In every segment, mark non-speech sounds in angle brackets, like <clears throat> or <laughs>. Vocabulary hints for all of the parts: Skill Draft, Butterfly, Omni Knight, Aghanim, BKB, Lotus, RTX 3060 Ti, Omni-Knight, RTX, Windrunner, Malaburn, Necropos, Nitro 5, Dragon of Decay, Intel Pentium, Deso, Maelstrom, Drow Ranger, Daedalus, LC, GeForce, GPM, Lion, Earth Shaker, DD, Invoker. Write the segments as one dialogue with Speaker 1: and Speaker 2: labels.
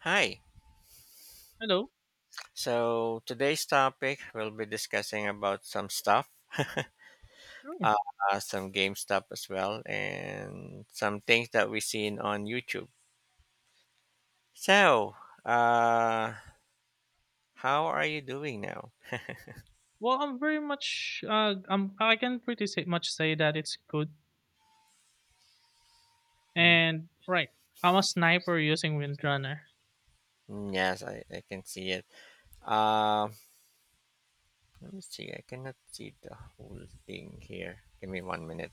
Speaker 1: Hi.
Speaker 2: Hello.
Speaker 1: So today's topic we'll be discussing about some stuff, uh,
Speaker 2: Sure.
Speaker 1: some game stuff as well, and some things that we seen on YouTube. So, uh, how are you doing now?
Speaker 2: Well, I'm very much. I can pretty say that it's good.
Speaker 1: Mm,
Speaker 2: And right, I'm a sniper using Windrunner.
Speaker 1: mm, yes, I can see it. Um, let me see. I cannot see the whole thing here. Give me 1 minute.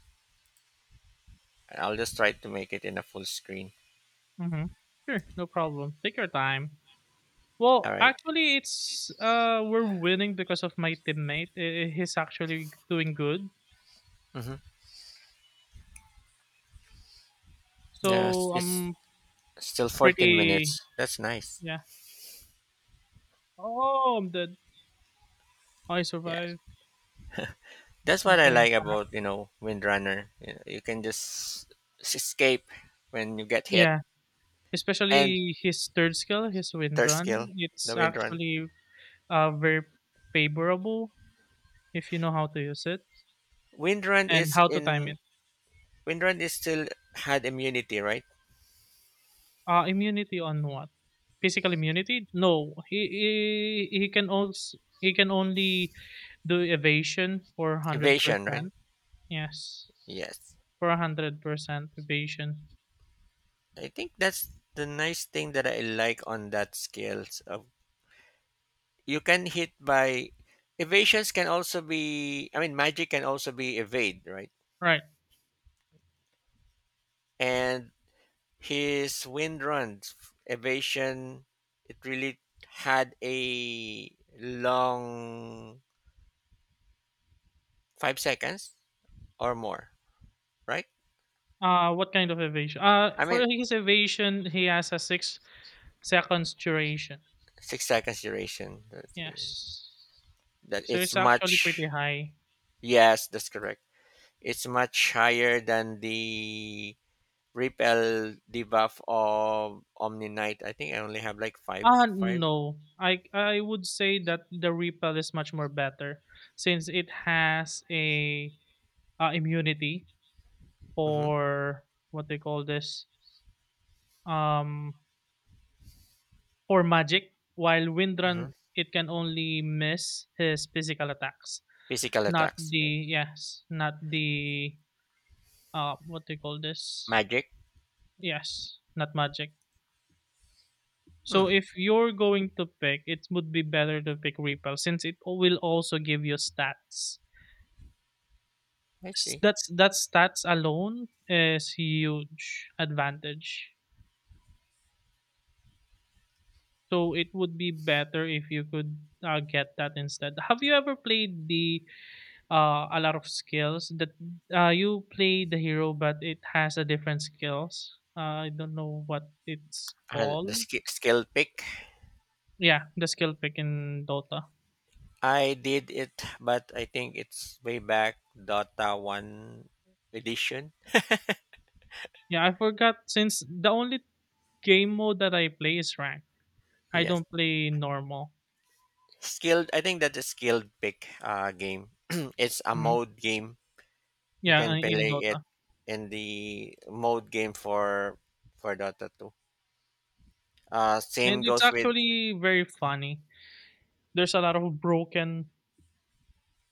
Speaker 1: I'll just try to make it in a full screen.
Speaker 2: Mm-hmm. Sure, no problem. Take your time.
Speaker 1: All
Speaker 2: Well,
Speaker 1: right.
Speaker 2: actually, it's we're winning because of my teammate. He's actually doing good.
Speaker 1: Mm-hmm. Yes,
Speaker 2: So
Speaker 1: it's
Speaker 2: I'm
Speaker 1: still 14
Speaker 2: pretty.
Speaker 1: minutes. That's nice.
Speaker 2: Yeah. Oh, I'm dead. I
Speaker 1: Yeah.
Speaker 2: survived.
Speaker 1: That's
Speaker 2: I'm
Speaker 1: what I
Speaker 2: going.
Speaker 1: like about Windrunner. You can just escape when you get hit,
Speaker 2: Yeah.
Speaker 1: and
Speaker 2: Especially his third skill, his
Speaker 1: third
Speaker 2: Windrun.
Speaker 1: skill, the
Speaker 2: It's
Speaker 1: Windrun.
Speaker 2: actually very favorable if you know how to use it
Speaker 1: Windrun
Speaker 2: and
Speaker 1: is
Speaker 2: how to time
Speaker 1: in
Speaker 2: it.
Speaker 1: Windrun is still had immunity, right?
Speaker 2: Immunity on what? Physical immunity? No, he can also he can only do evasion for hundred
Speaker 1: Evasion, right?
Speaker 2: percent. Yes,
Speaker 1: Yes.
Speaker 2: for 100% evasion.
Speaker 1: I think that's the nice thing that I like on that skills of you can hit by evasions, can also be, I mean, magic can also be evade, right?
Speaker 2: Right.
Speaker 1: And his Windrun evasion, it really had a long 5 seconds or more, right?
Speaker 2: What kind of evasion? Uh,
Speaker 1: I
Speaker 2: for
Speaker 1: mean,
Speaker 2: his evasion, he has a 6 seconds duration.
Speaker 1: 6 seconds duration. Let's see.
Speaker 2: Yes.
Speaker 1: That
Speaker 2: So
Speaker 1: it's
Speaker 2: it's actually
Speaker 1: much.
Speaker 2: pretty high.
Speaker 1: Yes, that's correct. It's much higher than the repel debuff of Omni Knight. I think I only have like 5
Speaker 2: Ah,
Speaker 1: 5
Speaker 2: no. I would say that the Repel is much more better since it has a immunity
Speaker 1: Mm-hmm,
Speaker 2: for what they call this, um for magic, while
Speaker 1: mm-hmm.
Speaker 2: Windrun it can only miss his physical attacks,
Speaker 1: Physical
Speaker 2: not
Speaker 1: attacks,
Speaker 2: the,
Speaker 1: right?
Speaker 2: yes, not the, what they call this,
Speaker 1: Magic.
Speaker 2: yes, not magic. So
Speaker 1: Hmm,
Speaker 2: if you're going to pick, it would be better to pick repel since it will also give you stats.
Speaker 1: I
Speaker 2: S
Speaker 1: see.
Speaker 2: that's that stats alone is huge advantage. So it would be better if you could, get that instead. Have you ever played the, a lot of skills that, you play the hero but it has a different skills? I don't know what it's
Speaker 1: I had the
Speaker 2: called.
Speaker 1: skill pick.
Speaker 2: Yeah, the skill pick in Dota.
Speaker 1: I did it, but I think it's way back Dota 1 edition.
Speaker 2: Yeah, I forgot since the only game mode that I play is ranked. I
Speaker 1: Yes.
Speaker 2: don't play normal.
Speaker 1: Skilled, I think that's a skilled pick game. <clears throat> It's a
Speaker 2: Mhm.
Speaker 1: mode game. You
Speaker 2: Yeah,
Speaker 1: can
Speaker 2: in
Speaker 1: play it
Speaker 2: Dota.
Speaker 1: in the mode game for Dota 2. Uh,
Speaker 2: And
Speaker 1: same
Speaker 2: it's
Speaker 1: goes with
Speaker 2: actually very funny. There's a lot of broken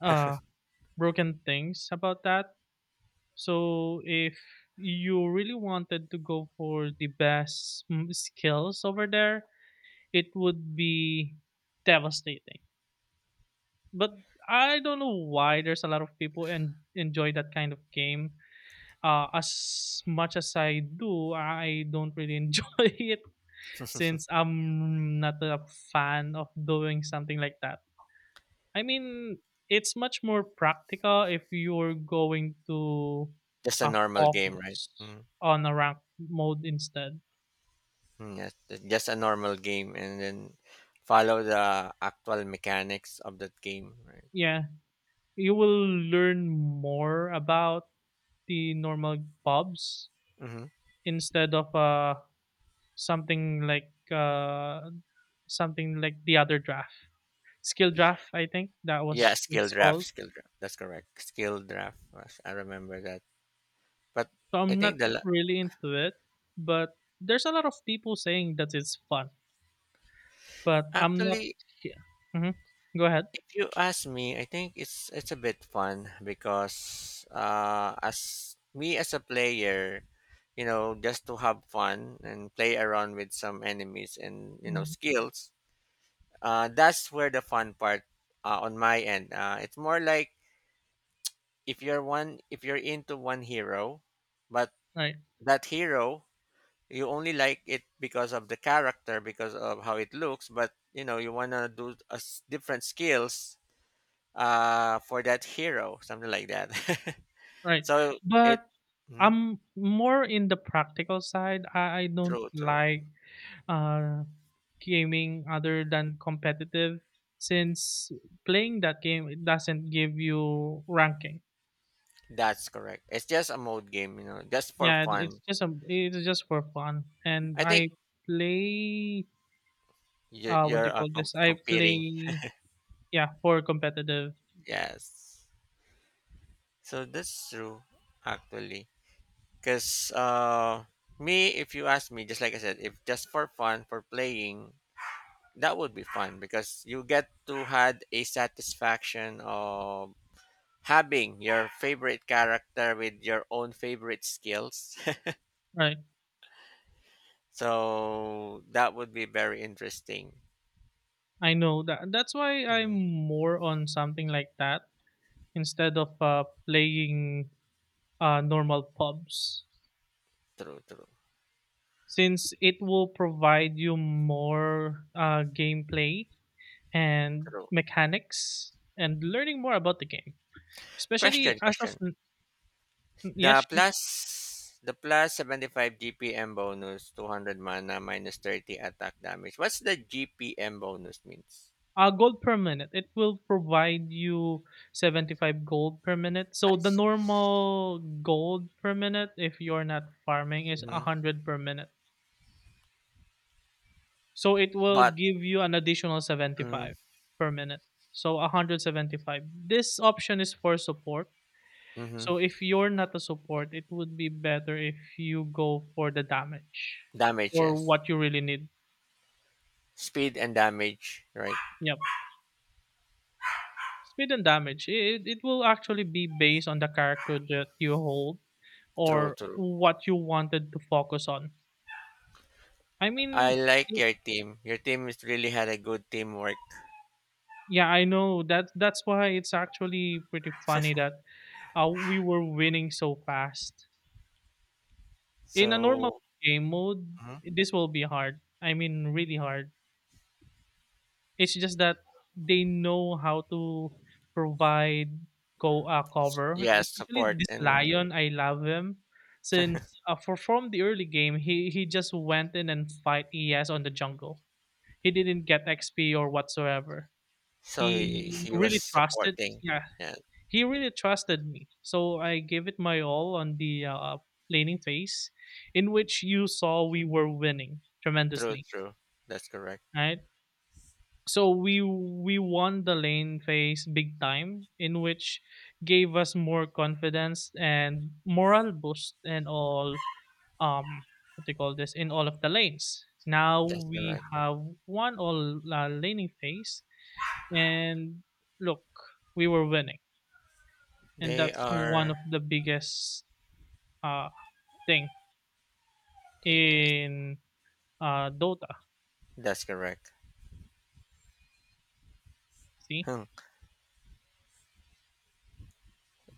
Speaker 2: uh broken things about that. So if you really wanted to go for the best, skills over there, it would be devastating. But I don't know why there's a lot of people and enjoy that kind of game. As much as I do, I don't really enjoy <laughs> it since
Speaker 1: <laughs>
Speaker 2: I'm not a fan of doing something like that. I mean, it's much more practical if you're going to
Speaker 1: just a normal game, right?
Speaker 2: focus
Speaker 1: Mhm.
Speaker 2: on a rank mode instead.
Speaker 1: Yes, just a normal game and then follow the actual mechanics of that game, right?
Speaker 2: Yeah, you will learn more about the normal pubs
Speaker 1: Mm-hmm.
Speaker 2: instead of something like the other draft, skill draft. I think that
Speaker 1: Yeah,
Speaker 2: was
Speaker 1: skill
Speaker 2: it's
Speaker 1: draft,
Speaker 2: called.
Speaker 1: skill draft. That's correct. Skill draft. I remember that. But
Speaker 2: So
Speaker 1: I
Speaker 2: I'm not
Speaker 1: think
Speaker 2: really into it, but there's a lot of people saying that it's fun. But I'm not.
Speaker 1: actually,
Speaker 2: Yeah. Hmm. Go ahead.
Speaker 1: if you ask me, I think it's a bit fun because as me as a player, just to have fun and play around with some enemies and
Speaker 2: Mhm.
Speaker 1: skills. That's where the fun part on my end. It's more like, if you're into one hero, but
Speaker 2: Right,
Speaker 1: that hero, you only like it because of the character, because of how it looks, but you want to do a s different skills for that hero, something like that. <laughs>
Speaker 2: right.
Speaker 1: So it.
Speaker 2: But
Speaker 1: Mhm.
Speaker 2: I'm more in the practical side. I don't
Speaker 1: True, true.
Speaker 2: like uh, gaming other than competitive since playing that game it doesn't give you ranking.
Speaker 1: That's correct. It's just a mode game, just for
Speaker 2: Yeah,
Speaker 1: fun.
Speaker 2: it's just for fun. And
Speaker 1: I think
Speaker 2: I play,
Speaker 1: you,
Speaker 2: what
Speaker 1: you're
Speaker 2: they call this? I
Speaker 1: competing.
Speaker 2: play, yeah, for competitive.
Speaker 1: Yes, so that's true, actually, because me, if you ask me, just like I said, if just for fun for playing, that would be fun because you get to had a satisfaction of having your favorite character with your own favorite skills.
Speaker 2: Right.
Speaker 1: <laughs> So that would be very interesting.
Speaker 2: I know that that's why I'm
Speaker 1: Mhm.
Speaker 2: more on something like that instead of playing normal pubs
Speaker 1: True, true,
Speaker 2: since it will provide you more gameplay and
Speaker 1: true.
Speaker 2: mechanics and learning more about the game, especially
Speaker 1: Question,
Speaker 2: as of
Speaker 1: question.
Speaker 2: yes,
Speaker 1: The
Speaker 2: sure.
Speaker 1: plus the plus 75 GPM bonus, 200 mana, minus 30 attack damage. What's the GPM bonus means?
Speaker 2: Gold per minute, it will provide you 75 gold per minute.
Speaker 1: I
Speaker 2: So the
Speaker 1: s-
Speaker 2: normal gold per minute, if you're not farming, is
Speaker 1: Mhm.
Speaker 2: 100 per minute. So it will
Speaker 1: But.
Speaker 2: give you an additional
Speaker 1: Mm,
Speaker 2: 75 per minute, so 175. This option is for support.
Speaker 1: mhm.
Speaker 2: So if you're not a support, it would be better if you go for the damage or
Speaker 1: Damages.
Speaker 2: what you really need.
Speaker 1: Speed and damage. Right.
Speaker 2: Yep. Speed and damage. It will actually be based on the character that you hold
Speaker 1: True,
Speaker 2: or
Speaker 1: true.
Speaker 2: what you wanted to focus on. I
Speaker 1: I
Speaker 2: mean,
Speaker 1: like
Speaker 2: y-
Speaker 1: your team. Your team is really had a good teamwork.
Speaker 2: yeah, I know that that's why it's actually pretty funny that we were winning so fast. In a normal
Speaker 1: So.
Speaker 2: game mode,
Speaker 1: Mhm.
Speaker 2: this will be hard. I mean, really hard. It's just that they know how to provide co cover,
Speaker 1: Yeah,
Speaker 2: especially
Speaker 1: support,
Speaker 2: this
Speaker 1: and
Speaker 2: Lion. I love him since for from the early game, he just went in and fight ES on the jungle. He didn't get XP or whatsoever.
Speaker 1: so he
Speaker 2: He
Speaker 1: he was
Speaker 2: really trusted.
Speaker 1: supporting.
Speaker 2: Yeah,
Speaker 1: Yeah,
Speaker 2: he really trusted me. So I gave it my all on the laning phase, in which you saw we were winning
Speaker 1: true,
Speaker 2: tremendously.
Speaker 1: true. That's correct.
Speaker 2: Right? So we won the lane phase big time, in which gave us more confidence and moral boost in all, um what they call this in all of the lanes. Now
Speaker 1: That's
Speaker 2: we
Speaker 1: correct.
Speaker 2: have won all laning phase, and look, we were winning, and
Speaker 1: They
Speaker 2: that's one
Speaker 1: are.
Speaker 2: of the biggest uh thing
Speaker 1: Yes,
Speaker 2: in Dota.
Speaker 1: that's correct.
Speaker 2: See.
Speaker 1: Hmm.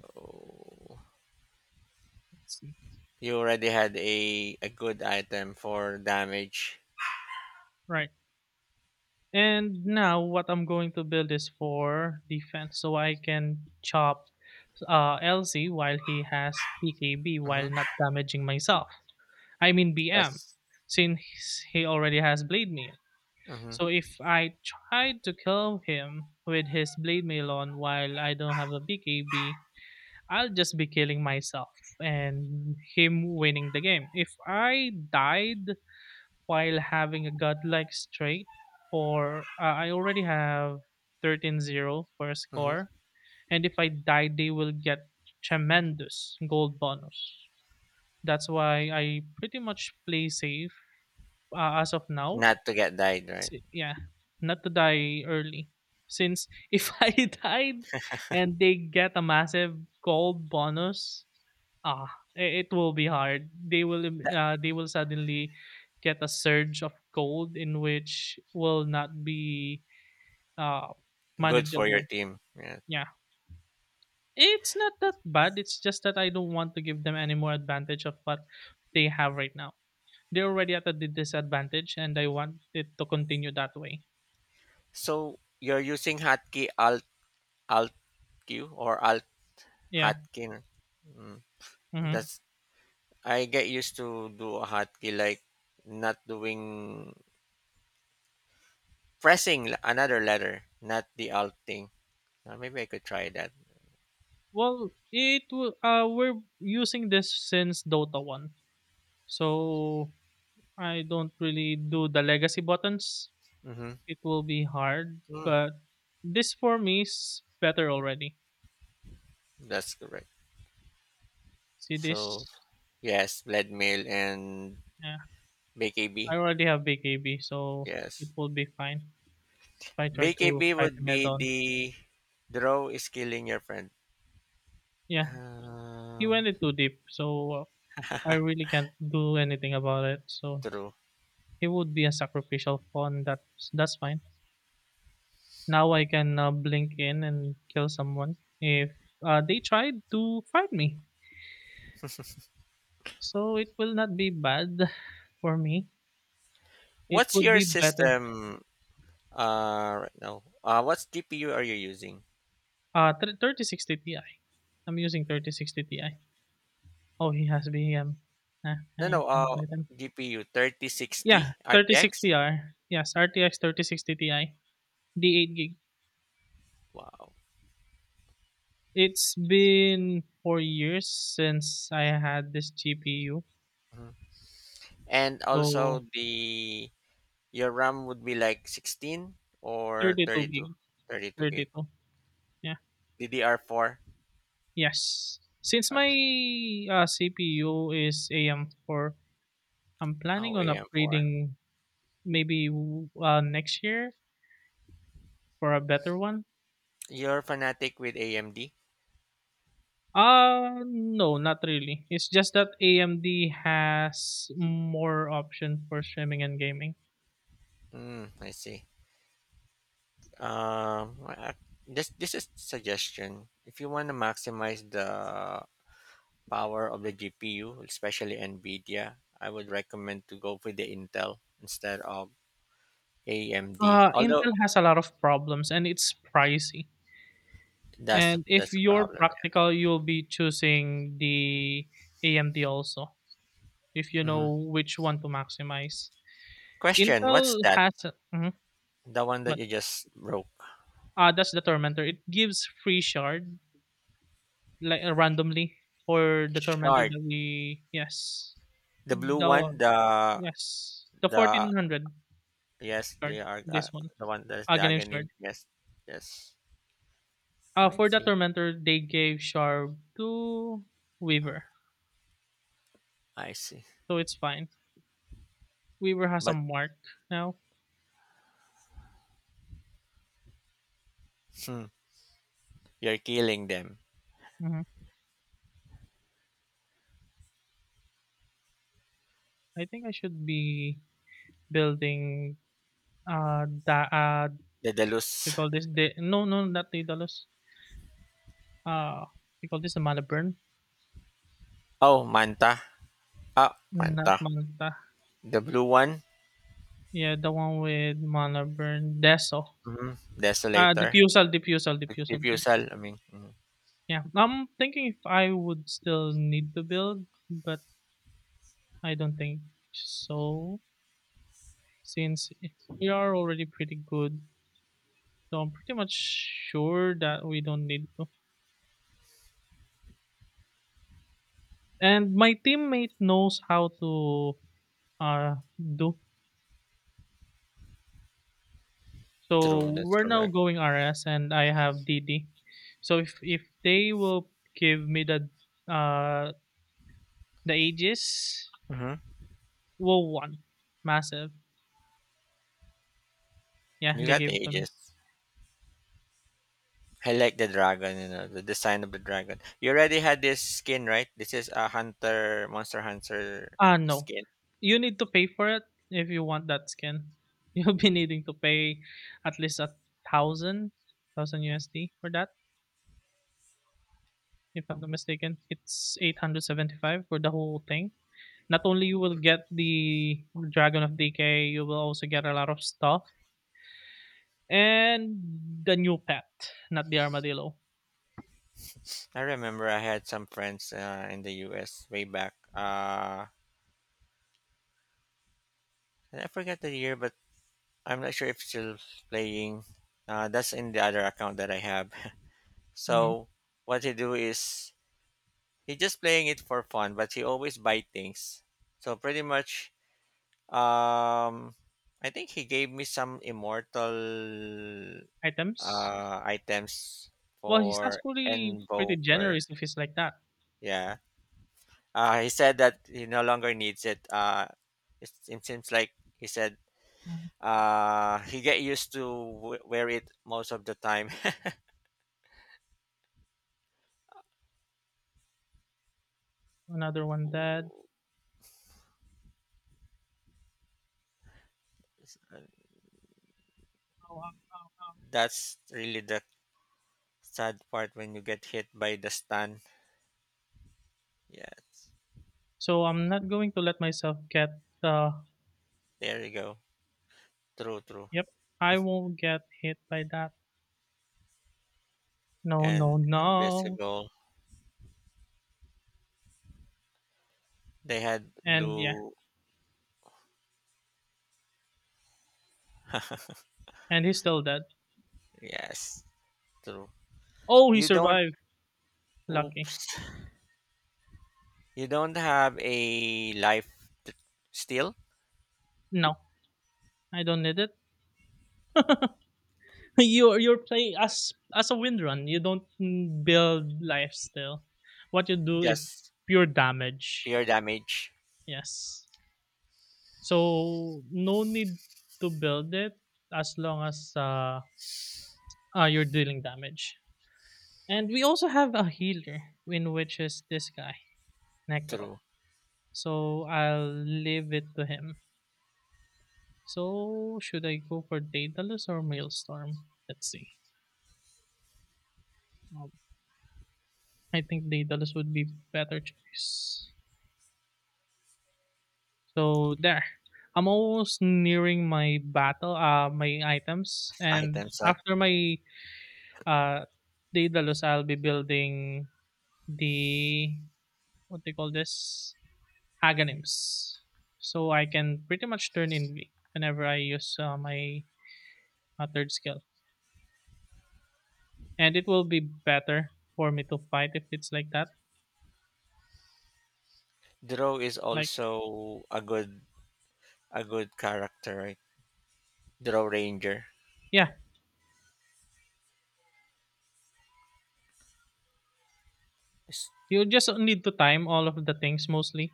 Speaker 1: So,
Speaker 2: Let's see.
Speaker 1: you already had a good item for damage.
Speaker 2: Right. And now what I'm going to build is for defense, so I can chop LC while he has PKB,
Speaker 1: Mm-hmm.
Speaker 2: while not damaging myself. I mean BM,
Speaker 1: That's.
Speaker 2: since he already has blade mail.
Speaker 1: Mm-hmm,
Speaker 2: So if I try to kill him with his blade mail on while I don't have a PKB, I'll just be killing myself and him winning the game. If I died while having a godlike straight for, I already have 13-0 for a
Speaker 1: mm-hmm.
Speaker 2: score, and if I die they will get tremendous gold bonus. That's why I pretty much play safe, as of now.
Speaker 1: Not to get died, right?
Speaker 2: Yeah, not to die early since if <laughs> I died and they get a massive gold bonus. Ah, I it will be hard. They will,
Speaker 1: That.
Speaker 2: they will suddenly get a surge of cold, in which will not be uh
Speaker 1: Good for your
Speaker 2: manageable.
Speaker 1: team. Yeah.
Speaker 2: Yeah. It's not that bad. It's just that I don't want to give them any more advantage of what they have right now. They're already at a disadvantage and I want it to continue that way.
Speaker 1: So you're using hotkey alt q or alt
Speaker 2: Yeah.
Speaker 1: hotkey. Mm.
Speaker 2: Hmm.
Speaker 1: That's. I get used to do a hotkey, like not doing pressing another letter, not the alt thing. Maybe I could try that.
Speaker 2: Well, it will, we're using this since Dota 1. So I don't really do the legacy buttons.
Speaker 1: Mm-hmm.
Speaker 2: It will be hard,
Speaker 1: Mm,
Speaker 2: but this for me is better already.
Speaker 1: that's correct.
Speaker 2: See
Speaker 1: So
Speaker 2: this?
Speaker 1: yes, lead mail and
Speaker 2: Yeah,
Speaker 1: BKB.
Speaker 2: I already have BKB, so it
Speaker 1: Yes,
Speaker 2: will be fine if I try to
Speaker 1: BKB
Speaker 2: fight
Speaker 1: would
Speaker 2: him head
Speaker 1: be
Speaker 2: on.
Speaker 1: the. Draw is killing your friend.
Speaker 2: Yeah, he
Speaker 1: Um
Speaker 2: went it too deep, so I really can't do anything about it. So
Speaker 1: true.
Speaker 2: he would be a sacrificial pawn. That's fine. Now I can blink in and kill someone if they tried to fight me. So it will not be bad <laughs> for me. It
Speaker 1: What's
Speaker 2: would
Speaker 1: your
Speaker 2: be better.
Speaker 1: system? Right now, what's GPU are you using?
Speaker 2: Thir 3060 Ti. I'm using 3060 Ti. Oh, he has BM. Ah,
Speaker 1: No, no,
Speaker 2: I calculate them.
Speaker 1: GPU
Speaker 2: Yeah,
Speaker 1: 3060 RTX.
Speaker 2: 3060R. Yes, RTX 3060 Ti, D8 gig.
Speaker 1: Wow.
Speaker 2: It's been 4 years since I had this GPU.
Speaker 1: Mhm. And
Speaker 2: So,
Speaker 1: also the your RAM would be like 16 or
Speaker 2: 32
Speaker 1: 32,
Speaker 2: gig,
Speaker 1: 32 gig.
Speaker 2: 32. Yeah.
Speaker 1: DDR4
Speaker 2: Yes. Since
Speaker 1: or,
Speaker 2: my CPU is AM4, I'm planning
Speaker 1: oh,
Speaker 2: on
Speaker 1: AM4.
Speaker 2: upgrading maybe next year for a better one.
Speaker 1: You're fanatic with AMD.
Speaker 2: No, not really. It's just that AMD has more option for streaming and gaming.
Speaker 1: Mm, I see. Um, I- I- this is suggestion. If you want to maximize the power of the GPU, especially NVIDIA, I would recommend to go with the Intel instead of AMD.
Speaker 2: Uh,
Speaker 1: Although
Speaker 2: Intel has a lot of problems and it's pricey.
Speaker 1: that's the,
Speaker 2: And if
Speaker 1: that's the
Speaker 2: you're
Speaker 1: problem.
Speaker 2: practical, you'll be choosing the AMD also if you
Speaker 1: Yeah. Hmm.
Speaker 2: know which one to maximize.
Speaker 1: Question: what's
Speaker 2: Intel
Speaker 1: that?
Speaker 2: has. mhm,
Speaker 1: The one that
Speaker 2: what?
Speaker 1: you just broke?
Speaker 2: That's the Tormentor. It gives free shard, like randomly, for the Tormentor
Speaker 1: Shard,
Speaker 2: that we, yes.
Speaker 1: the blue
Speaker 2: The
Speaker 1: one.
Speaker 2: Yes, the
Speaker 1: The
Speaker 2: 1400
Speaker 1: yes, they
Speaker 2: shard.
Speaker 1: are
Speaker 2: This one,
Speaker 1: the one that's the
Speaker 2: Aghanim shard.
Speaker 1: agony. Yes, yes.
Speaker 2: Uh,
Speaker 1: I
Speaker 2: for the
Speaker 1: see.
Speaker 2: tormentor, they gave shard to Weaver,
Speaker 1: I see.
Speaker 2: so it's fine. Weaver has a
Speaker 1: But
Speaker 2: mark now.
Speaker 1: hmm, you're killing them.
Speaker 2: Hmm. I think I should be building, the
Speaker 1: The
Speaker 2: we
Speaker 1: Delus.
Speaker 2: call this the, no, no, not Daedalus. Uh, we call this the Malaburn,
Speaker 1: Oh, Manta. Ah,
Speaker 2: not
Speaker 1: Manta.
Speaker 2: Manta.
Speaker 1: The blue one.
Speaker 2: Yeah, the one with Malaburn Deso.
Speaker 1: Hmm.
Speaker 2: Uh,
Speaker 1: Desolator.
Speaker 2: diffusal, diffusal,
Speaker 1: Keep
Speaker 2: diffusal, please.
Speaker 1: yourself. I mean, mhm.
Speaker 2: Yeah, I'm thinking if I would still need to build, but I don't think so since we are already pretty good. So I'm pretty much sure that we don't need to. And my teammate knows how to do. So
Speaker 1: True. That's
Speaker 2: we're now
Speaker 1: correct.
Speaker 2: going RS and I have DD. So if they will give me the, uh the ages,
Speaker 1: Hmm.
Speaker 2: well one massive. Yeah,
Speaker 1: You
Speaker 2: they
Speaker 1: got
Speaker 2: gave it to me.
Speaker 1: ages. I like the dragon. You know the design of the dragon. You already had this skin, right? This is a monster hunter
Speaker 2: Ah, no.
Speaker 1: skin.
Speaker 2: You need to pay for it if you want that skin. <laughs> You'll be needing to pay at least a thousand, thousand USD for that, if I'm not mistaken. It's 875 for the whole thing. Not only you will get the Dragon of Decay, you will also get a lot of stuff. And the new pet, not the armadillo.
Speaker 1: I remember I had some friends in the U.S. way back. And I forget the year, but I'm not sure if still playing. That's in the other account that I have.
Speaker 2: Mhm.
Speaker 1: So what he do is he just playing it for fun, but he always buy things. So pretty much. Um, I think he gave me some immortal
Speaker 2: Items.
Speaker 1: items
Speaker 2: Well, he's
Speaker 1: for
Speaker 2: actually pretty
Speaker 1: Invoker.
Speaker 2: generous if he's like that.
Speaker 1: Yeah. He said that he no longer needs it. It seems like he said
Speaker 2: Mhm.
Speaker 1: he get used to wear it most of the time.
Speaker 2: Another one dead.
Speaker 1: <laughs>
Speaker 2: Oh,
Speaker 1: That's really the sad part when you get hit by the stun. Yes.
Speaker 2: so I'm not going to let myself get, uh
Speaker 1: There you go. True, true.
Speaker 2: yep, I won't get hit by that. No,
Speaker 1: And
Speaker 2: no, no.
Speaker 1: invisible. They had
Speaker 2: And yeah,
Speaker 1: blue.
Speaker 2: and he's still dead.
Speaker 1: Yes. True.
Speaker 2: Oh, he
Speaker 1: You don't.
Speaker 2: survived. Lucky.
Speaker 1: Oops. You don't have a life steal.
Speaker 2: No, I don't need it. <laughs> You're playing as a windrun. You don't, build life still. What you do is
Speaker 1: Just
Speaker 2: pure damage.
Speaker 1: pure damage
Speaker 2: Yes. So no need to build it as long as, you're dealing damage. And we also have a healer, in which is this guy. Necro.
Speaker 1: through
Speaker 2: So I'll leave it to him. So should I go for Daedalus or Maelstrom? Let's see. Um, I think Daedalus would be better choice. So there. I'm almost nearing my battle, my items, and
Speaker 1: item set.
Speaker 2: after my uh, Daedalus, I'll be building the what they call this agonims, so I can pretty much turn in whenever I use my third skill. And it will be better for me to fight if it's like that.
Speaker 1: Draw is
Speaker 2: Like,
Speaker 1: also a good character, right? Draw Ranger.
Speaker 2: yeah,
Speaker 1: Yes,
Speaker 2: you just need to time all of the things mostly.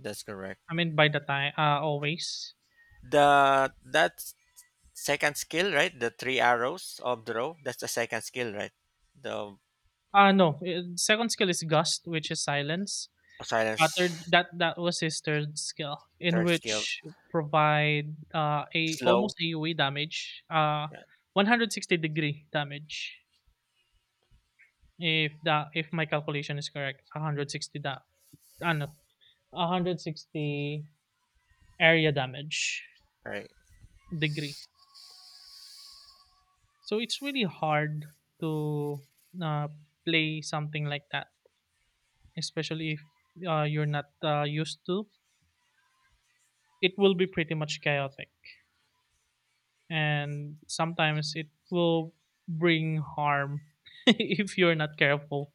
Speaker 1: that's correct.
Speaker 2: I mean, by the time, always.
Speaker 1: The that second skill, right? The three arrows of draw. That's the second skill, right? The
Speaker 2: No, second skill is Gust, which is silence. Third,
Speaker 1: silence.
Speaker 2: that was his third skill, in
Speaker 1: Third skill.
Speaker 2: which provide a
Speaker 1: Slow.
Speaker 2: almost AoE damage,
Speaker 1: Yeah,
Speaker 2: 160-degree damage. If my calculation is correct, 160 da, no 160 area damage
Speaker 1: right.
Speaker 2: degree. So it's really hard to uh, play something like that, especially if you're not used to. It will be pretty much chaotic, and sometimes it will bring harm <laughs> if you're not careful.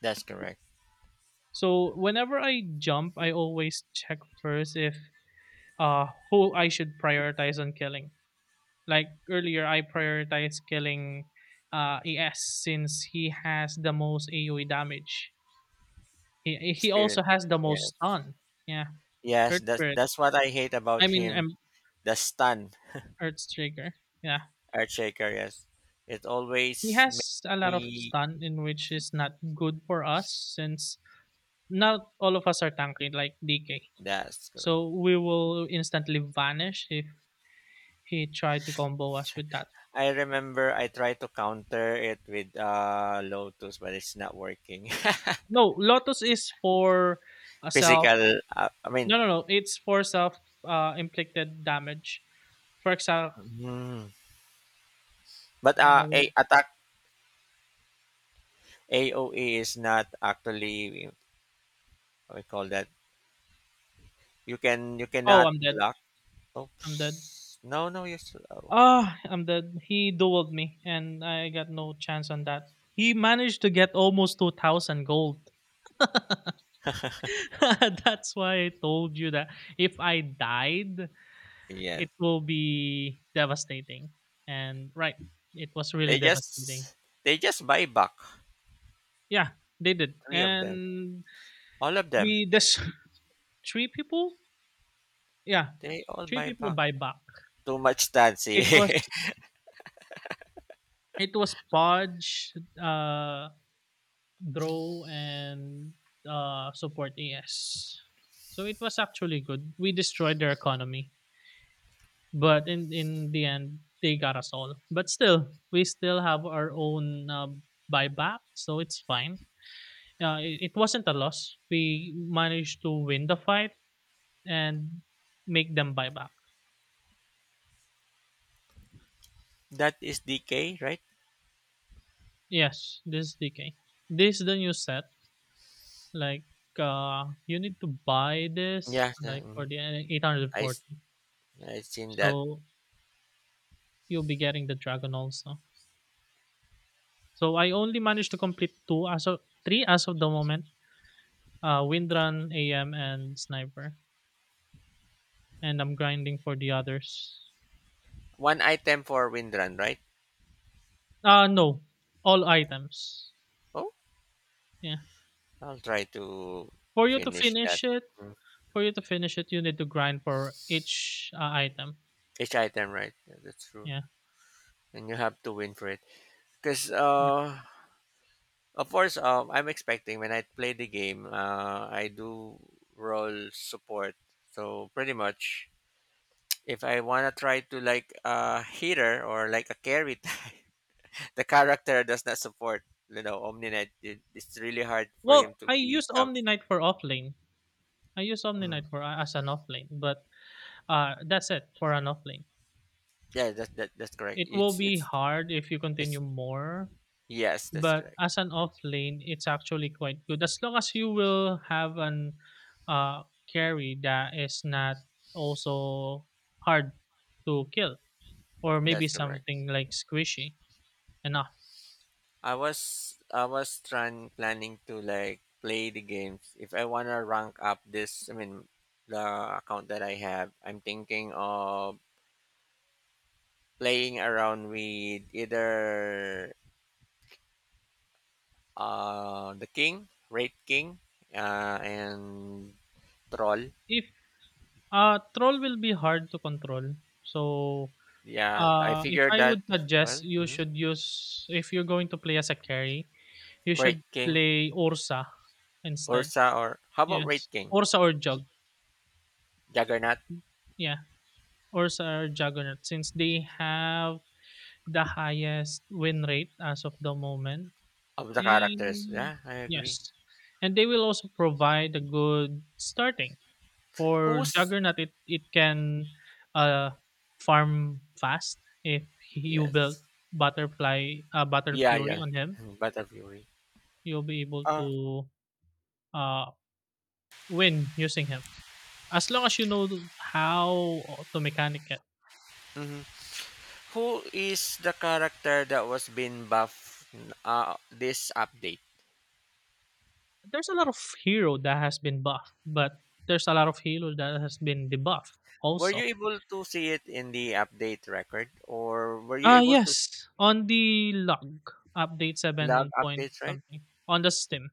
Speaker 1: That's correct.
Speaker 2: So whenever I jump, I always check first if who I should prioritize on killing. Like earlier, I prioritized killing ES since he has the most AOE damage. He
Speaker 1: Spirit.
Speaker 2: also has the
Speaker 1: Yeah.
Speaker 2: most stun. Yeah,
Speaker 1: Yes,
Speaker 2: Earth
Speaker 1: that's
Speaker 2: Spirit.
Speaker 1: that's what I hate
Speaker 2: I
Speaker 1: about
Speaker 2: mean,
Speaker 1: him.
Speaker 2: um,
Speaker 1: The stun.
Speaker 2: Earth Trigger. Yeah,
Speaker 1: Earth shaker, yes. It
Speaker 2: he
Speaker 1: always
Speaker 2: has a
Speaker 1: makes
Speaker 2: lot of
Speaker 1: me.
Speaker 2: stun, in which is not good for us since not all of us are tanky like DK.
Speaker 1: That's correct.
Speaker 2: So we will instantly vanish if he tried to combo us with that.
Speaker 1: I remember I tried to counter it with Lotus, but it's not working.
Speaker 2: No, Lotus is for a
Speaker 1: <laughs>
Speaker 2: self.
Speaker 1: Physical, I mean,
Speaker 2: No, no, no. It's for self inflicted damage. For example,
Speaker 1: mhm. But
Speaker 2: uh,
Speaker 1: a
Speaker 2: we're-
Speaker 1: attack AOE is not actually, we call that. You
Speaker 2: oh,
Speaker 1: cannot
Speaker 2: I'm dead.
Speaker 1: block.
Speaker 2: I'm dead.
Speaker 1: Oops. No, no, you still. Oh.
Speaker 2: Ah, I'm dead. He dueled me, and I got no chance on that. He managed to get almost 2,000 gold. <laughs> That's why I told you that if I died,
Speaker 1: Yes.
Speaker 2: it will be devastating. And right, it was really
Speaker 1: They
Speaker 2: devastating.
Speaker 1: just they just buy back.
Speaker 2: Yeah, they did.
Speaker 1: Three of them.
Speaker 2: And
Speaker 1: All of them.
Speaker 2: we, this <laughs> three people? Yeah,
Speaker 1: They all
Speaker 2: three
Speaker 1: buy
Speaker 2: people
Speaker 1: back.
Speaker 2: buy back.
Speaker 1: Too much dancing.
Speaker 2: It was, it was Podge, uh, grow and support AS. So it was actually good. We destroyed their economy, but in the end, they got us all. But still, we still have our own buyback, so it's fine. It wasn't a loss. We managed to win the fight and make them buy back.
Speaker 1: <laughs> That is DK, right?
Speaker 2: Yes, this is DK. This is the new set. Like you need to buy this
Speaker 1: Yeah,
Speaker 2: like for the
Speaker 1: I s-
Speaker 2: 840.
Speaker 1: I seen that
Speaker 2: So you'll be getting the dragon also. So I only managed to complete two as of three as of the moment. Windrun, AM, and Sniper, and I'm grinding for the others.
Speaker 1: one item for Windrun, right?
Speaker 2: Uh, no, all items.
Speaker 1: Oh,
Speaker 2: Yeah,
Speaker 1: I'll try to
Speaker 2: for you to
Speaker 1: finish that.
Speaker 2: finish it, for you to finish it, you need to grind for each item.
Speaker 1: Each item, right? Yeah, that's true,
Speaker 2: Yeah.
Speaker 1: and you have to win for it. Cause, of course, I'm expecting when I play the game, I do roll support. So pretty much, if I wanna try to like a healer or like a carry <laughs> type, the character does not support Omninet. It's really hard for
Speaker 2: Well,
Speaker 1: him to
Speaker 2: I used
Speaker 1: become.
Speaker 2: Omni-Knight for offlane. I used
Speaker 1: Mm.
Speaker 2: Omni-Knight for as an offlane, but that's it for an offlane.
Speaker 1: Yeah, that's correct.
Speaker 2: It will be hard if you continue
Speaker 1: It's
Speaker 2: more.
Speaker 1: yes, that's
Speaker 2: But as
Speaker 1: correct.
Speaker 2: an off lane, it's actually quite good as long as you will have an uh, carry that is not also hard to kill, or maybe
Speaker 1: That's correct.
Speaker 2: something like squishy enough.
Speaker 1: I was trying planning to like play the games. If I wanna rank up this, I mean the account that I have, I'm thinking of playing around with either raid king, and troll.
Speaker 2: If troll will be hard to control, so
Speaker 1: Yeah, I
Speaker 2: if
Speaker 1: figured
Speaker 2: I
Speaker 1: that
Speaker 2: would
Speaker 1: as
Speaker 2: suggest,
Speaker 1: well.
Speaker 2: you
Speaker 1: Hmm.
Speaker 2: should use, if you're going to play as a carry, you
Speaker 1: Raid
Speaker 2: should
Speaker 1: King,
Speaker 2: play Ursa instead.
Speaker 1: Ursa, or how about Raid
Speaker 2: Yes,
Speaker 1: King?
Speaker 2: Ursa or Jug.
Speaker 1: Juggernaut
Speaker 2: Yeah, Ursa or Juggernaut since they have the highest win rate as of the moment.
Speaker 1: of the characters.
Speaker 2: And
Speaker 1: Yeah, I agree.
Speaker 2: yes, and they will also provide a good starting for
Speaker 1: Who's.
Speaker 2: Juggernaut. It can uh farm fast if you build
Speaker 1: Yes?
Speaker 2: Butterfly Butter
Speaker 1: Yeah,
Speaker 2: Fury
Speaker 1: yeah.
Speaker 2: on him.
Speaker 1: Mhm, Battle Fury.
Speaker 2: You'll be able
Speaker 1: Uh,
Speaker 2: to uh win using him as long as you know how to mechanic it.
Speaker 1: mhm. Who is the character that was being buffed this update?
Speaker 2: There's a lot of hero that has been buffed, but there's a lot of hero that has been debuffed
Speaker 1: Were
Speaker 2: also.
Speaker 1: you able to see it in the update record, or were you
Speaker 2: Ah,
Speaker 1: able to
Speaker 2: yes, on the log update
Speaker 1: log
Speaker 2: 7.
Speaker 1: updates? Right.
Speaker 2: Something on the Steam.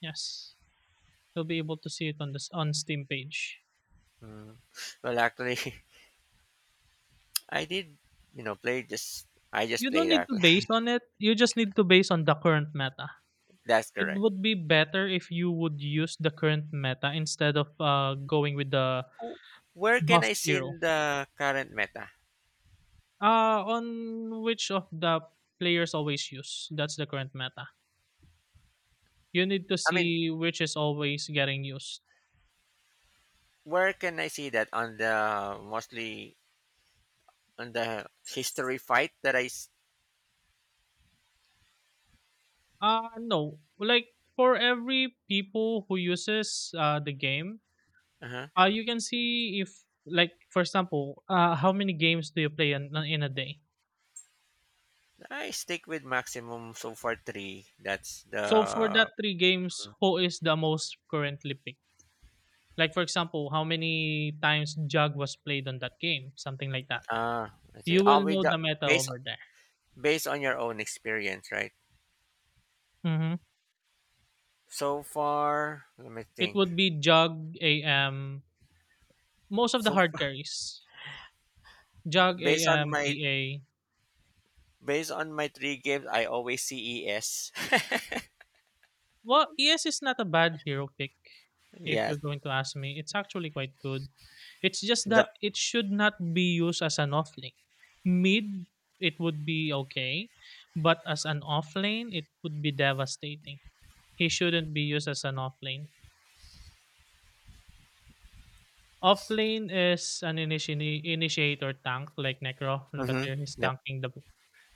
Speaker 2: Yes, you'll be able to see it on the on Steam page.
Speaker 1: Mm. Well, actually, <laughs> I did. Play just. I just
Speaker 2: You don't
Speaker 1: played
Speaker 2: need
Speaker 1: that.
Speaker 2: to base
Speaker 1: <laughs>
Speaker 2: on it. You just need to base on the current meta.
Speaker 1: That's
Speaker 2: It
Speaker 1: correct.
Speaker 2: would be better if you would use the current meta instead of going with the
Speaker 1: W where can
Speaker 2: buff
Speaker 1: I see
Speaker 2: hero.
Speaker 1: in the current meta?
Speaker 2: On which of the players always use. That's the current meta. You need to
Speaker 1: I mean,
Speaker 2: see which is always getting used.
Speaker 1: where can I see that on the mostly on the history fight that
Speaker 2: Uh, no. Like for every people who uses the game,
Speaker 1: uh-huh.
Speaker 2: you can see if, like for example, how many games do you play in a day?
Speaker 1: I stick with maximum so far three. That's
Speaker 2: So for
Speaker 1: the
Speaker 2: that three games, who is the most currently picked? Like for example, how many times jug was played on that game, something like that.
Speaker 1: ah that's it.
Speaker 2: You
Speaker 1: Oh,
Speaker 2: will
Speaker 1: with
Speaker 2: know
Speaker 1: the
Speaker 2: the meta
Speaker 1: based
Speaker 2: over there.
Speaker 1: based on your own experience, right?
Speaker 2: Mm-hmm.
Speaker 1: So far, let me
Speaker 2: It
Speaker 1: think.
Speaker 2: would be jug AM, most of the
Speaker 1: So <laughs>
Speaker 2: hard carries. Jug
Speaker 1: based on
Speaker 2: AM
Speaker 1: my
Speaker 2: PA.
Speaker 1: based on my three games, I always see ES.
Speaker 2: Well, ES is not a bad hero pick
Speaker 1: <laughs>
Speaker 2: if
Speaker 1: Yeah.
Speaker 2: you're going to ask me. It's actually quite good. It's just
Speaker 1: The.
Speaker 2: that it should not be used as an offlane. Mid, it would be okay, but as an offlane, it would be devastating. He shouldn't be used as an offlane. Offlane is an initiator tank like Necro. Look at
Speaker 1: Mm-hmm.
Speaker 2: here, he's
Speaker 1: Yeah.
Speaker 2: tanking the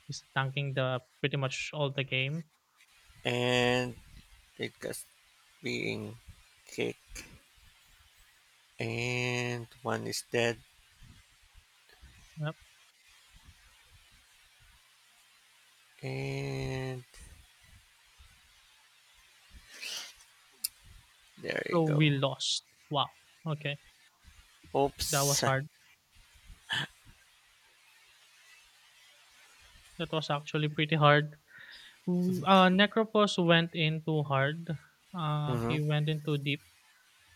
Speaker 2: pretty much all the game.
Speaker 1: And it goes being kicked and one is dead
Speaker 2: Yep.
Speaker 1: and there you
Speaker 2: So
Speaker 1: go.
Speaker 2: we lost. Wow. Okay, that
Speaker 1: Oops.
Speaker 2: was hard. That was actually pretty hard.
Speaker 1: <laughs>
Speaker 2: Necropos went in too hard.
Speaker 1: Hmm.
Speaker 2: He went in too deep.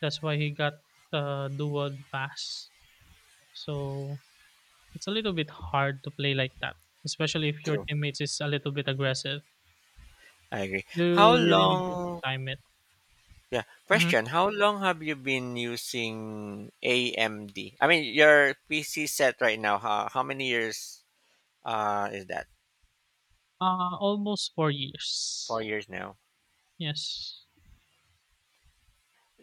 Speaker 2: That's why he got the dual pass. So it's a little bit hard to play like that, especially if your
Speaker 1: True.
Speaker 2: teammates is a little bit aggressive.
Speaker 1: I agree. How
Speaker 2: You really need to
Speaker 1: long
Speaker 2: time it.
Speaker 1: yeah,
Speaker 2: Hmm
Speaker 1: question, how long have you been using AMD? I mean, your PC set right now, how many years is that?
Speaker 2: Almost four
Speaker 1: 4
Speaker 2: years.
Speaker 1: years now.
Speaker 2: Yes.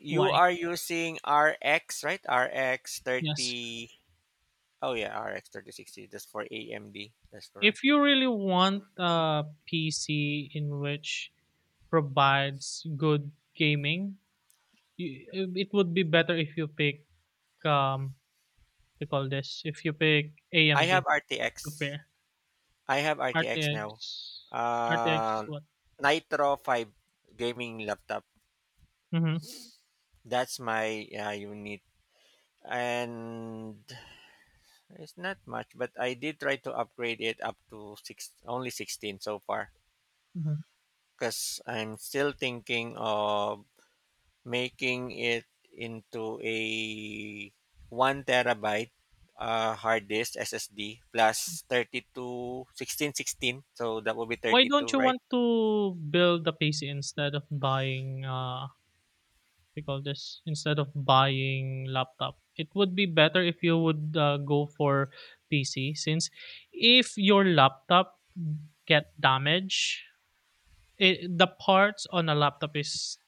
Speaker 1: You
Speaker 2: Why?
Speaker 1: are using RX, right? RX
Speaker 2: Yes.
Speaker 1: 30. Oh yeah, RX 3060. That's for AMD. That's correct.
Speaker 2: If you really want a PC in which provides good gaming, Y it would be better if you pick, um, you call this, if you pick
Speaker 1: I
Speaker 2: AMD
Speaker 1: have
Speaker 2: to
Speaker 1: RTX.
Speaker 2: pair.
Speaker 1: I have RTX
Speaker 2: RTX.
Speaker 1: now.
Speaker 2: RTX
Speaker 1: Uh,
Speaker 2: what?
Speaker 1: Nitro 5 gaming laptop.
Speaker 2: Mhm,
Speaker 1: That's my unit. And it's not much, but I did try to upgrade it up to six, only 16 so far.
Speaker 2: mhm.
Speaker 1: Because I'm still thinking of making it into a 1 terabyte hard disk SSD plus 32 16 16. So that will be
Speaker 2: Why
Speaker 1: 32,
Speaker 2: don't you
Speaker 1: right?
Speaker 2: want to build a PC instead of buying, you call this, instead of buying laptop? It would be better if you would, go for PC since if your laptop get damaged, it, the parts on a laptop is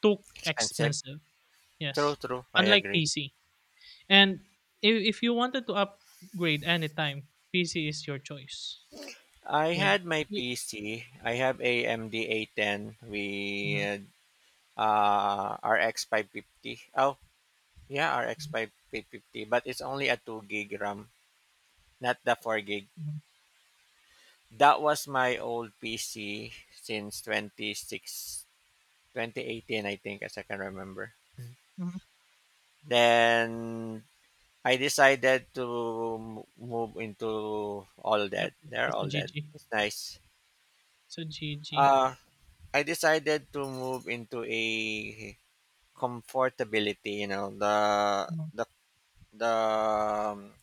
Speaker 2: too
Speaker 1: Expensive.
Speaker 2: expensive.
Speaker 1: True,
Speaker 2: Yes,
Speaker 1: true. I
Speaker 2: unlike
Speaker 1: agree.
Speaker 2: PC. And if you wanted to upgrade anytime, PC is your choice.
Speaker 1: I
Speaker 2: Like,
Speaker 1: had my
Speaker 2: you,
Speaker 1: PC. I have a M D A 10
Speaker 2: hmm
Speaker 1: with RX 550. Oh, yeah, RX 550, but it's only a 2 gig RAM, not the 4 gig.
Speaker 2: hmm
Speaker 1: That was my old PC since 2018, I think, as I can remember.
Speaker 2: hmm
Speaker 1: Then I decided to move into all
Speaker 2: yep,
Speaker 1: that. They're
Speaker 2: it's a
Speaker 1: all that.
Speaker 2: GG.
Speaker 1: It's nice.
Speaker 2: It's a GG.
Speaker 1: Uh, I decided to move into a comfortability, you know,
Speaker 2: Mhm.
Speaker 1: the the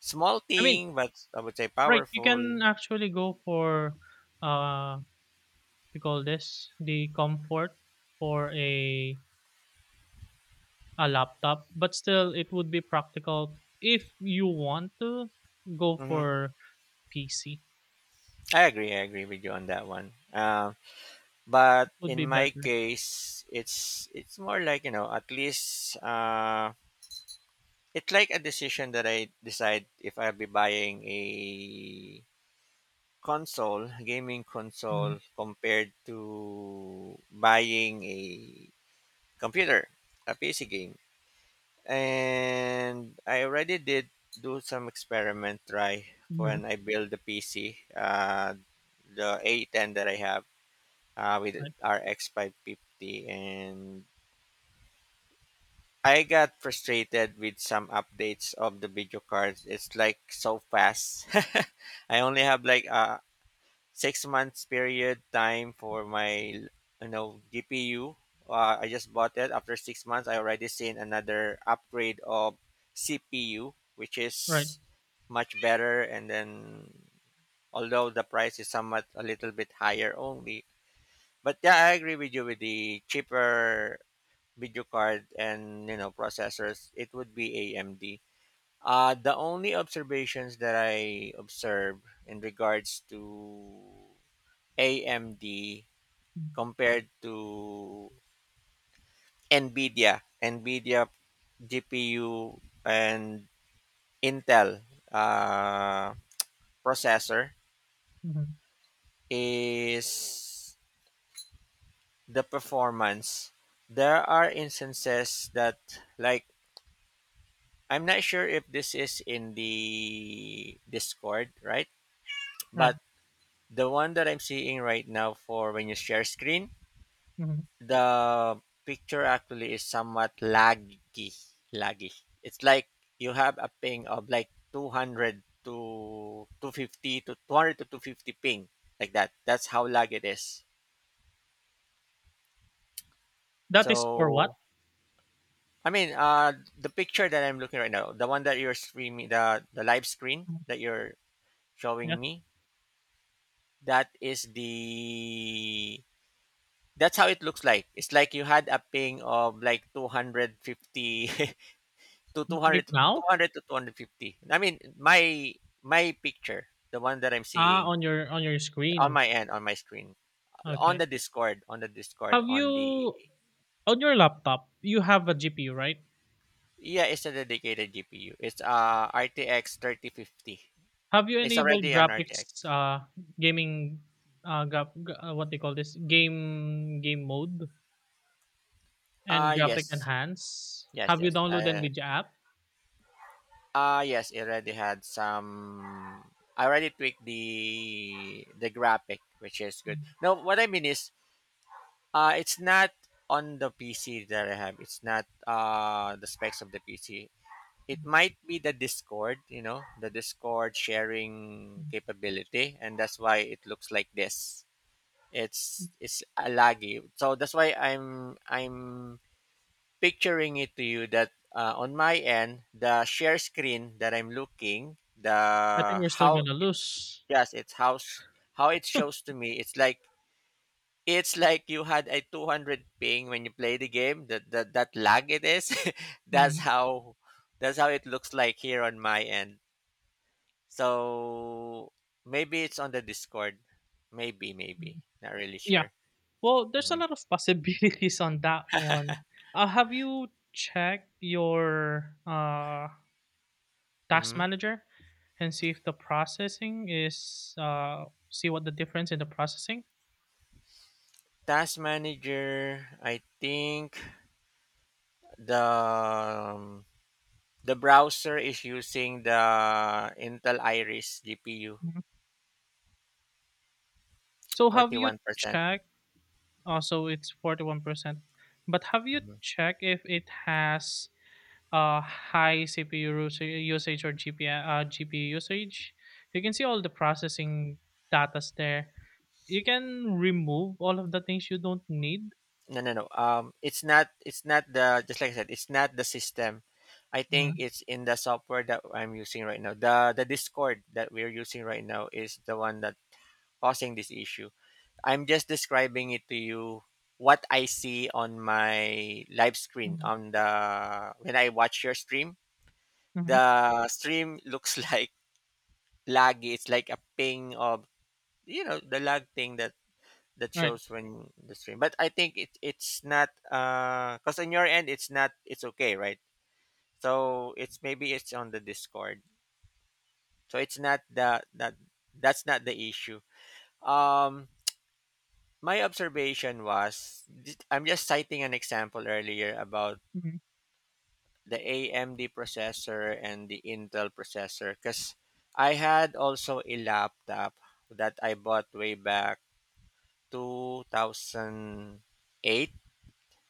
Speaker 1: small
Speaker 2: I mean,
Speaker 1: thing, but I would say
Speaker 2: right, you
Speaker 1: powerful.
Speaker 2: can actually go for, uh, we call this the comfort for a laptop, but still it would be practical if you want to go
Speaker 1: Hmm.
Speaker 2: for PC.
Speaker 1: I agree. I agree with you on that one. But
Speaker 2: It would be
Speaker 1: in my
Speaker 2: better.
Speaker 1: case, it's more like, at least, it's like a decision that I decide if I'll be buying a console, gaming
Speaker 2: Hmm
Speaker 1: console, compared to buying a computer, a PC game. And I already did do some experiment, try,
Speaker 2: hmm
Speaker 1: when I build the PC, the A10 that I have, with
Speaker 2: Right,
Speaker 1: RX 550, and I got frustrated with some updates of the video cards. It's like so fast. <laughs> I only have like a 6 months period time for my GPU. I just bought it. After 6 months, I already seen another upgrade of CPU, which
Speaker 2: right.
Speaker 1: is much better. And then, although the price is somewhat a little bit higher only, but yeah, I agree with you with the cheaper video card and processors. It would be AMD. The only observations that I observed in regards to AMD
Speaker 2: Mm-hmm.
Speaker 1: compared to NVIDIA GPU and Intel uh, processor
Speaker 2: Mhm.
Speaker 1: is the performance. There are instances that, like, I'm not sure if this is in the Discord, right?
Speaker 2: Right.
Speaker 1: But the one that I'm seeing right now for when you share screen,
Speaker 2: Mhm.
Speaker 1: the picture actually is somewhat laggy. It's like you have a ping of like 200 to 250 to 200 to 250 ping, like that's how lag it is.
Speaker 2: That is for what?
Speaker 1: So, I mean, the picture that I'm looking right now, the one that you're streaming, the live screen
Speaker 2: Mhm.
Speaker 1: that you're
Speaker 2: Yeah.
Speaker 1: showing me, that is the that's how it looks like. It's like you had a ping of like 250 <laughs> to
Speaker 2: Right
Speaker 1: 200 to
Speaker 2: now?
Speaker 1: 200 to 250. I mean, my picture, the one that I'm
Speaker 2: Ah,
Speaker 1: seeing
Speaker 2: on your
Speaker 1: on
Speaker 2: screen.
Speaker 1: my end, on my screen, on
Speaker 2: Okay.
Speaker 1: the Discord, on the Discord
Speaker 2: Have
Speaker 1: on
Speaker 2: you,
Speaker 1: the
Speaker 2: on your laptop, you have a GPU, right?
Speaker 1: yeah, it's a dedicated GPU. It's RTX 3050.
Speaker 2: Have you
Speaker 1: It's
Speaker 2: enabled
Speaker 1: already an RTX.
Speaker 2: graphics gaming what they call this, game game mode and
Speaker 1: Uh
Speaker 2: graphic
Speaker 1: yes.
Speaker 2: enhance?
Speaker 1: Yes,
Speaker 2: Have you
Speaker 1: yes.
Speaker 2: downloaded
Speaker 1: Uh
Speaker 2: NVIDIA app?
Speaker 1: uh yes, it already had some, I already tweaked the graphic, which is good.
Speaker 2: Mm,
Speaker 1: Now what I mean is, it's not on the PC that I have. It's not the specs of the PC. It
Speaker 2: mm,
Speaker 1: might be the Discord sharing
Speaker 2: mm.
Speaker 1: capability, and that's why it looks like this. It's a laggy, so that's why I'm picturing it to you that, on my end, the share screen that I'm looking,
Speaker 2: I think
Speaker 1: the
Speaker 2: we're still
Speaker 1: how
Speaker 2: gonna
Speaker 1: it's,
Speaker 2: lose.
Speaker 1: yes, it's how how it shows to me. It's like you had a 200 ping when you play the game. That lag it is. <laughs> that's
Speaker 2: Mhm.
Speaker 1: how that's how it looks like here on my end. So maybe it's on the Discord. Maybe
Speaker 2: Mhm.
Speaker 1: not really
Speaker 2: Yeah.
Speaker 1: sure.
Speaker 2: Well, there's a
Speaker 1: Hmm.
Speaker 2: lot of possibilities on that one. Have you checked your task
Speaker 1: Hmm.
Speaker 2: manager and see if the processing is see what the difference in the processing?
Speaker 1: Task manager. I think the um, the browser is using the Intel Iris GPU.
Speaker 2: Mhm. So have you
Speaker 1: 41%.
Speaker 2: checked? Also, it's 41%. But have you checked if it has high CPU usage or GPU GPU usage? You can see all the processing datas there. You can remove all of the things you don't need.
Speaker 1: No, no, no. It's not. It's not the, just like I said, it's not the system. I think
Speaker 2: Mhm,
Speaker 1: it's in the software that I'm using right now. The Discord that we're using right now is the one that causing this issue. I'm just describing it to you what I see on my live screen
Speaker 2: mhm,
Speaker 1: on the, when I watch your stream.
Speaker 2: mhm,
Speaker 1: The stream looks <laughs> like laggy. It's like a ping of, the lag thing that
Speaker 2: right.
Speaker 1: shows when the stream. But I think it's not because on your end it's not, it's okay, right? So, it's maybe it's on the Discord. So it's not the that That's not the issue. Um, my observation was, I'm just citing an example earlier about
Speaker 2: Mhm,
Speaker 1: the AMD processor and the Intel processor, because I had also a laptop that I bought way back 2008.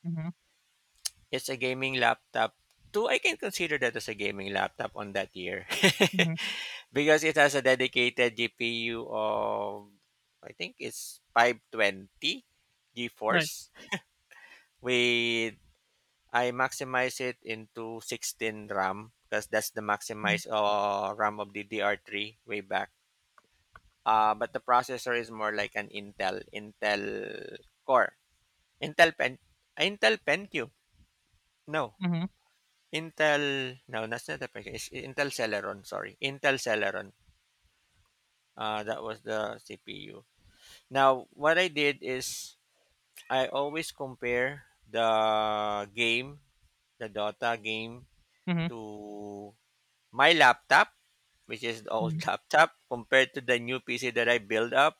Speaker 2: mhm,
Speaker 1: It's a gaming laptop. Though I can consider that as a gaming laptop on that year.
Speaker 2: mhm,
Speaker 1: <laughs> Because it has a dedicated GPU of, I think it's, 520
Speaker 2: right.
Speaker 1: GeForce, with I maximize it into 16 RAM because that's the
Speaker 2: Mhm,
Speaker 1: maximized, RAM of DDR3 way back. But the processor is more like an Intel Core, Intel Pen Intel Pentium. No,
Speaker 2: mhm,
Speaker 1: Intel, no, that's not the package. It's Intel Celeron, sorry. Intel Celeron. That was the CPU. Now, what I did is, I always compare the game, the Dota game,
Speaker 2: mhm,
Speaker 1: to my laptop, which is the old
Speaker 2: mhm.
Speaker 1: <laughs> laptop, compared to the new PC that I build up.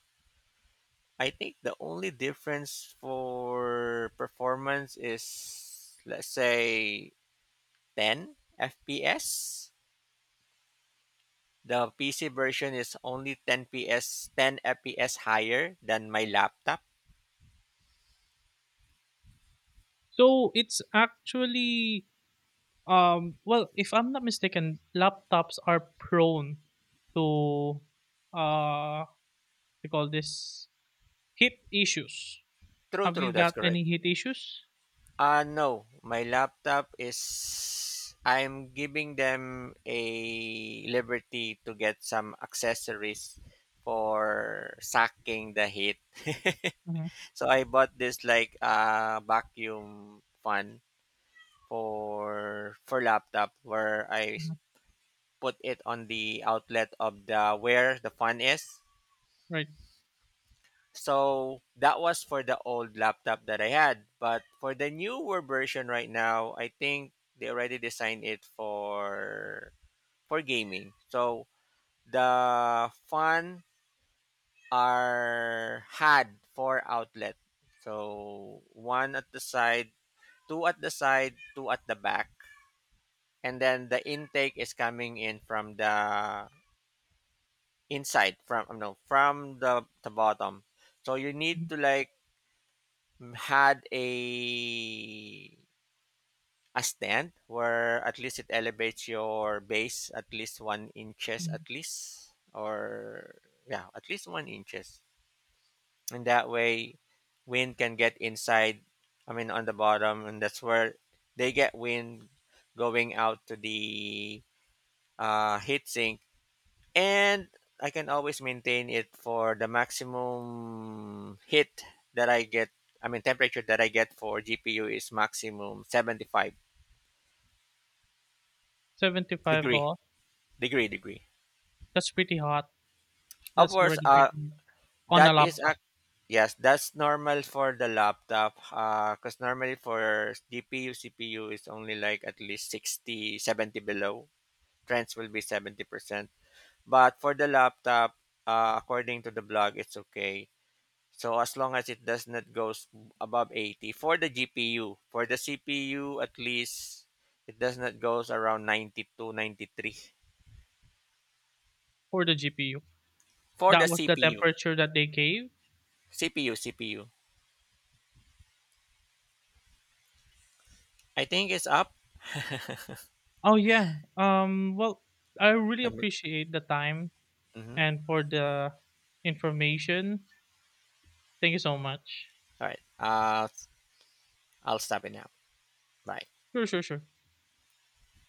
Speaker 1: I think the only difference for performance is, let's say, 10 FPS. The PC version is only 10 PS, 10 FPS higher than my laptop.
Speaker 2: So it's actually, um, well, if I'm not mistaken, laptops are prone to uh they call this heat issues.
Speaker 1: True,
Speaker 2: Have
Speaker 1: true,
Speaker 2: you
Speaker 1: that's
Speaker 2: got
Speaker 1: correct.
Speaker 2: any heat issues?
Speaker 1: No, my laptop is, I'm giving them a liberty to get some accessories for sucking the heat. <laughs>
Speaker 2: Mm-hmm,
Speaker 1: So I bought this like, vacuum fan for laptop where I
Speaker 2: mm-hmm,
Speaker 1: put it on the outlet of the, where the fan is.
Speaker 2: right.
Speaker 1: So that was for the old laptop that I had. But for the newer version right now, I think they already designed it for gaming. So the fan are had four outlet. So one at the side, two at the side, two at the back. And then the intake is coming in from the inside, from, no, from the bottom. So you
Speaker 2: Mm-hmm.
Speaker 1: need to like had a stand where at least it elevates your base at least 1 inches at least, or yeah, at least 1 inches, and that way wind can get inside, I mean on the bottom, and that's where they get wind going out to the heat sink, and I can always maintain it for the maximum heat that I get. I mean temperature that I get for GPU is maximum 75
Speaker 2: 75
Speaker 1: degree
Speaker 2: volt.
Speaker 1: degree.
Speaker 2: That's pretty hot.
Speaker 1: Of
Speaker 2: That's
Speaker 1: course,
Speaker 2: already pretty hot on
Speaker 1: that
Speaker 2: a
Speaker 1: is a,
Speaker 2: laptop
Speaker 1: yes, that's normal for the laptop. Cause normally for GPU CPU is only like at least 60, 70 below. Trends will be 70 percent, but for the laptop, according to the blog, it's okay. So as long as it does not goes above 80 for the GPU, for the CPU at least it does not goes around 90-93
Speaker 2: for the GPU.
Speaker 1: for the
Speaker 2: That was the
Speaker 1: CPU.
Speaker 2: temperature that they gave.
Speaker 1: CPU, CPU. I think it's up.
Speaker 2: Oh yeah. Um, well, I really
Speaker 1: I mean,
Speaker 2: appreciate the time
Speaker 1: mhm.
Speaker 2: and for the information. Thank you so much.
Speaker 1: All right. I'll stop it now. Bye.
Speaker 2: Sure, sure, sure.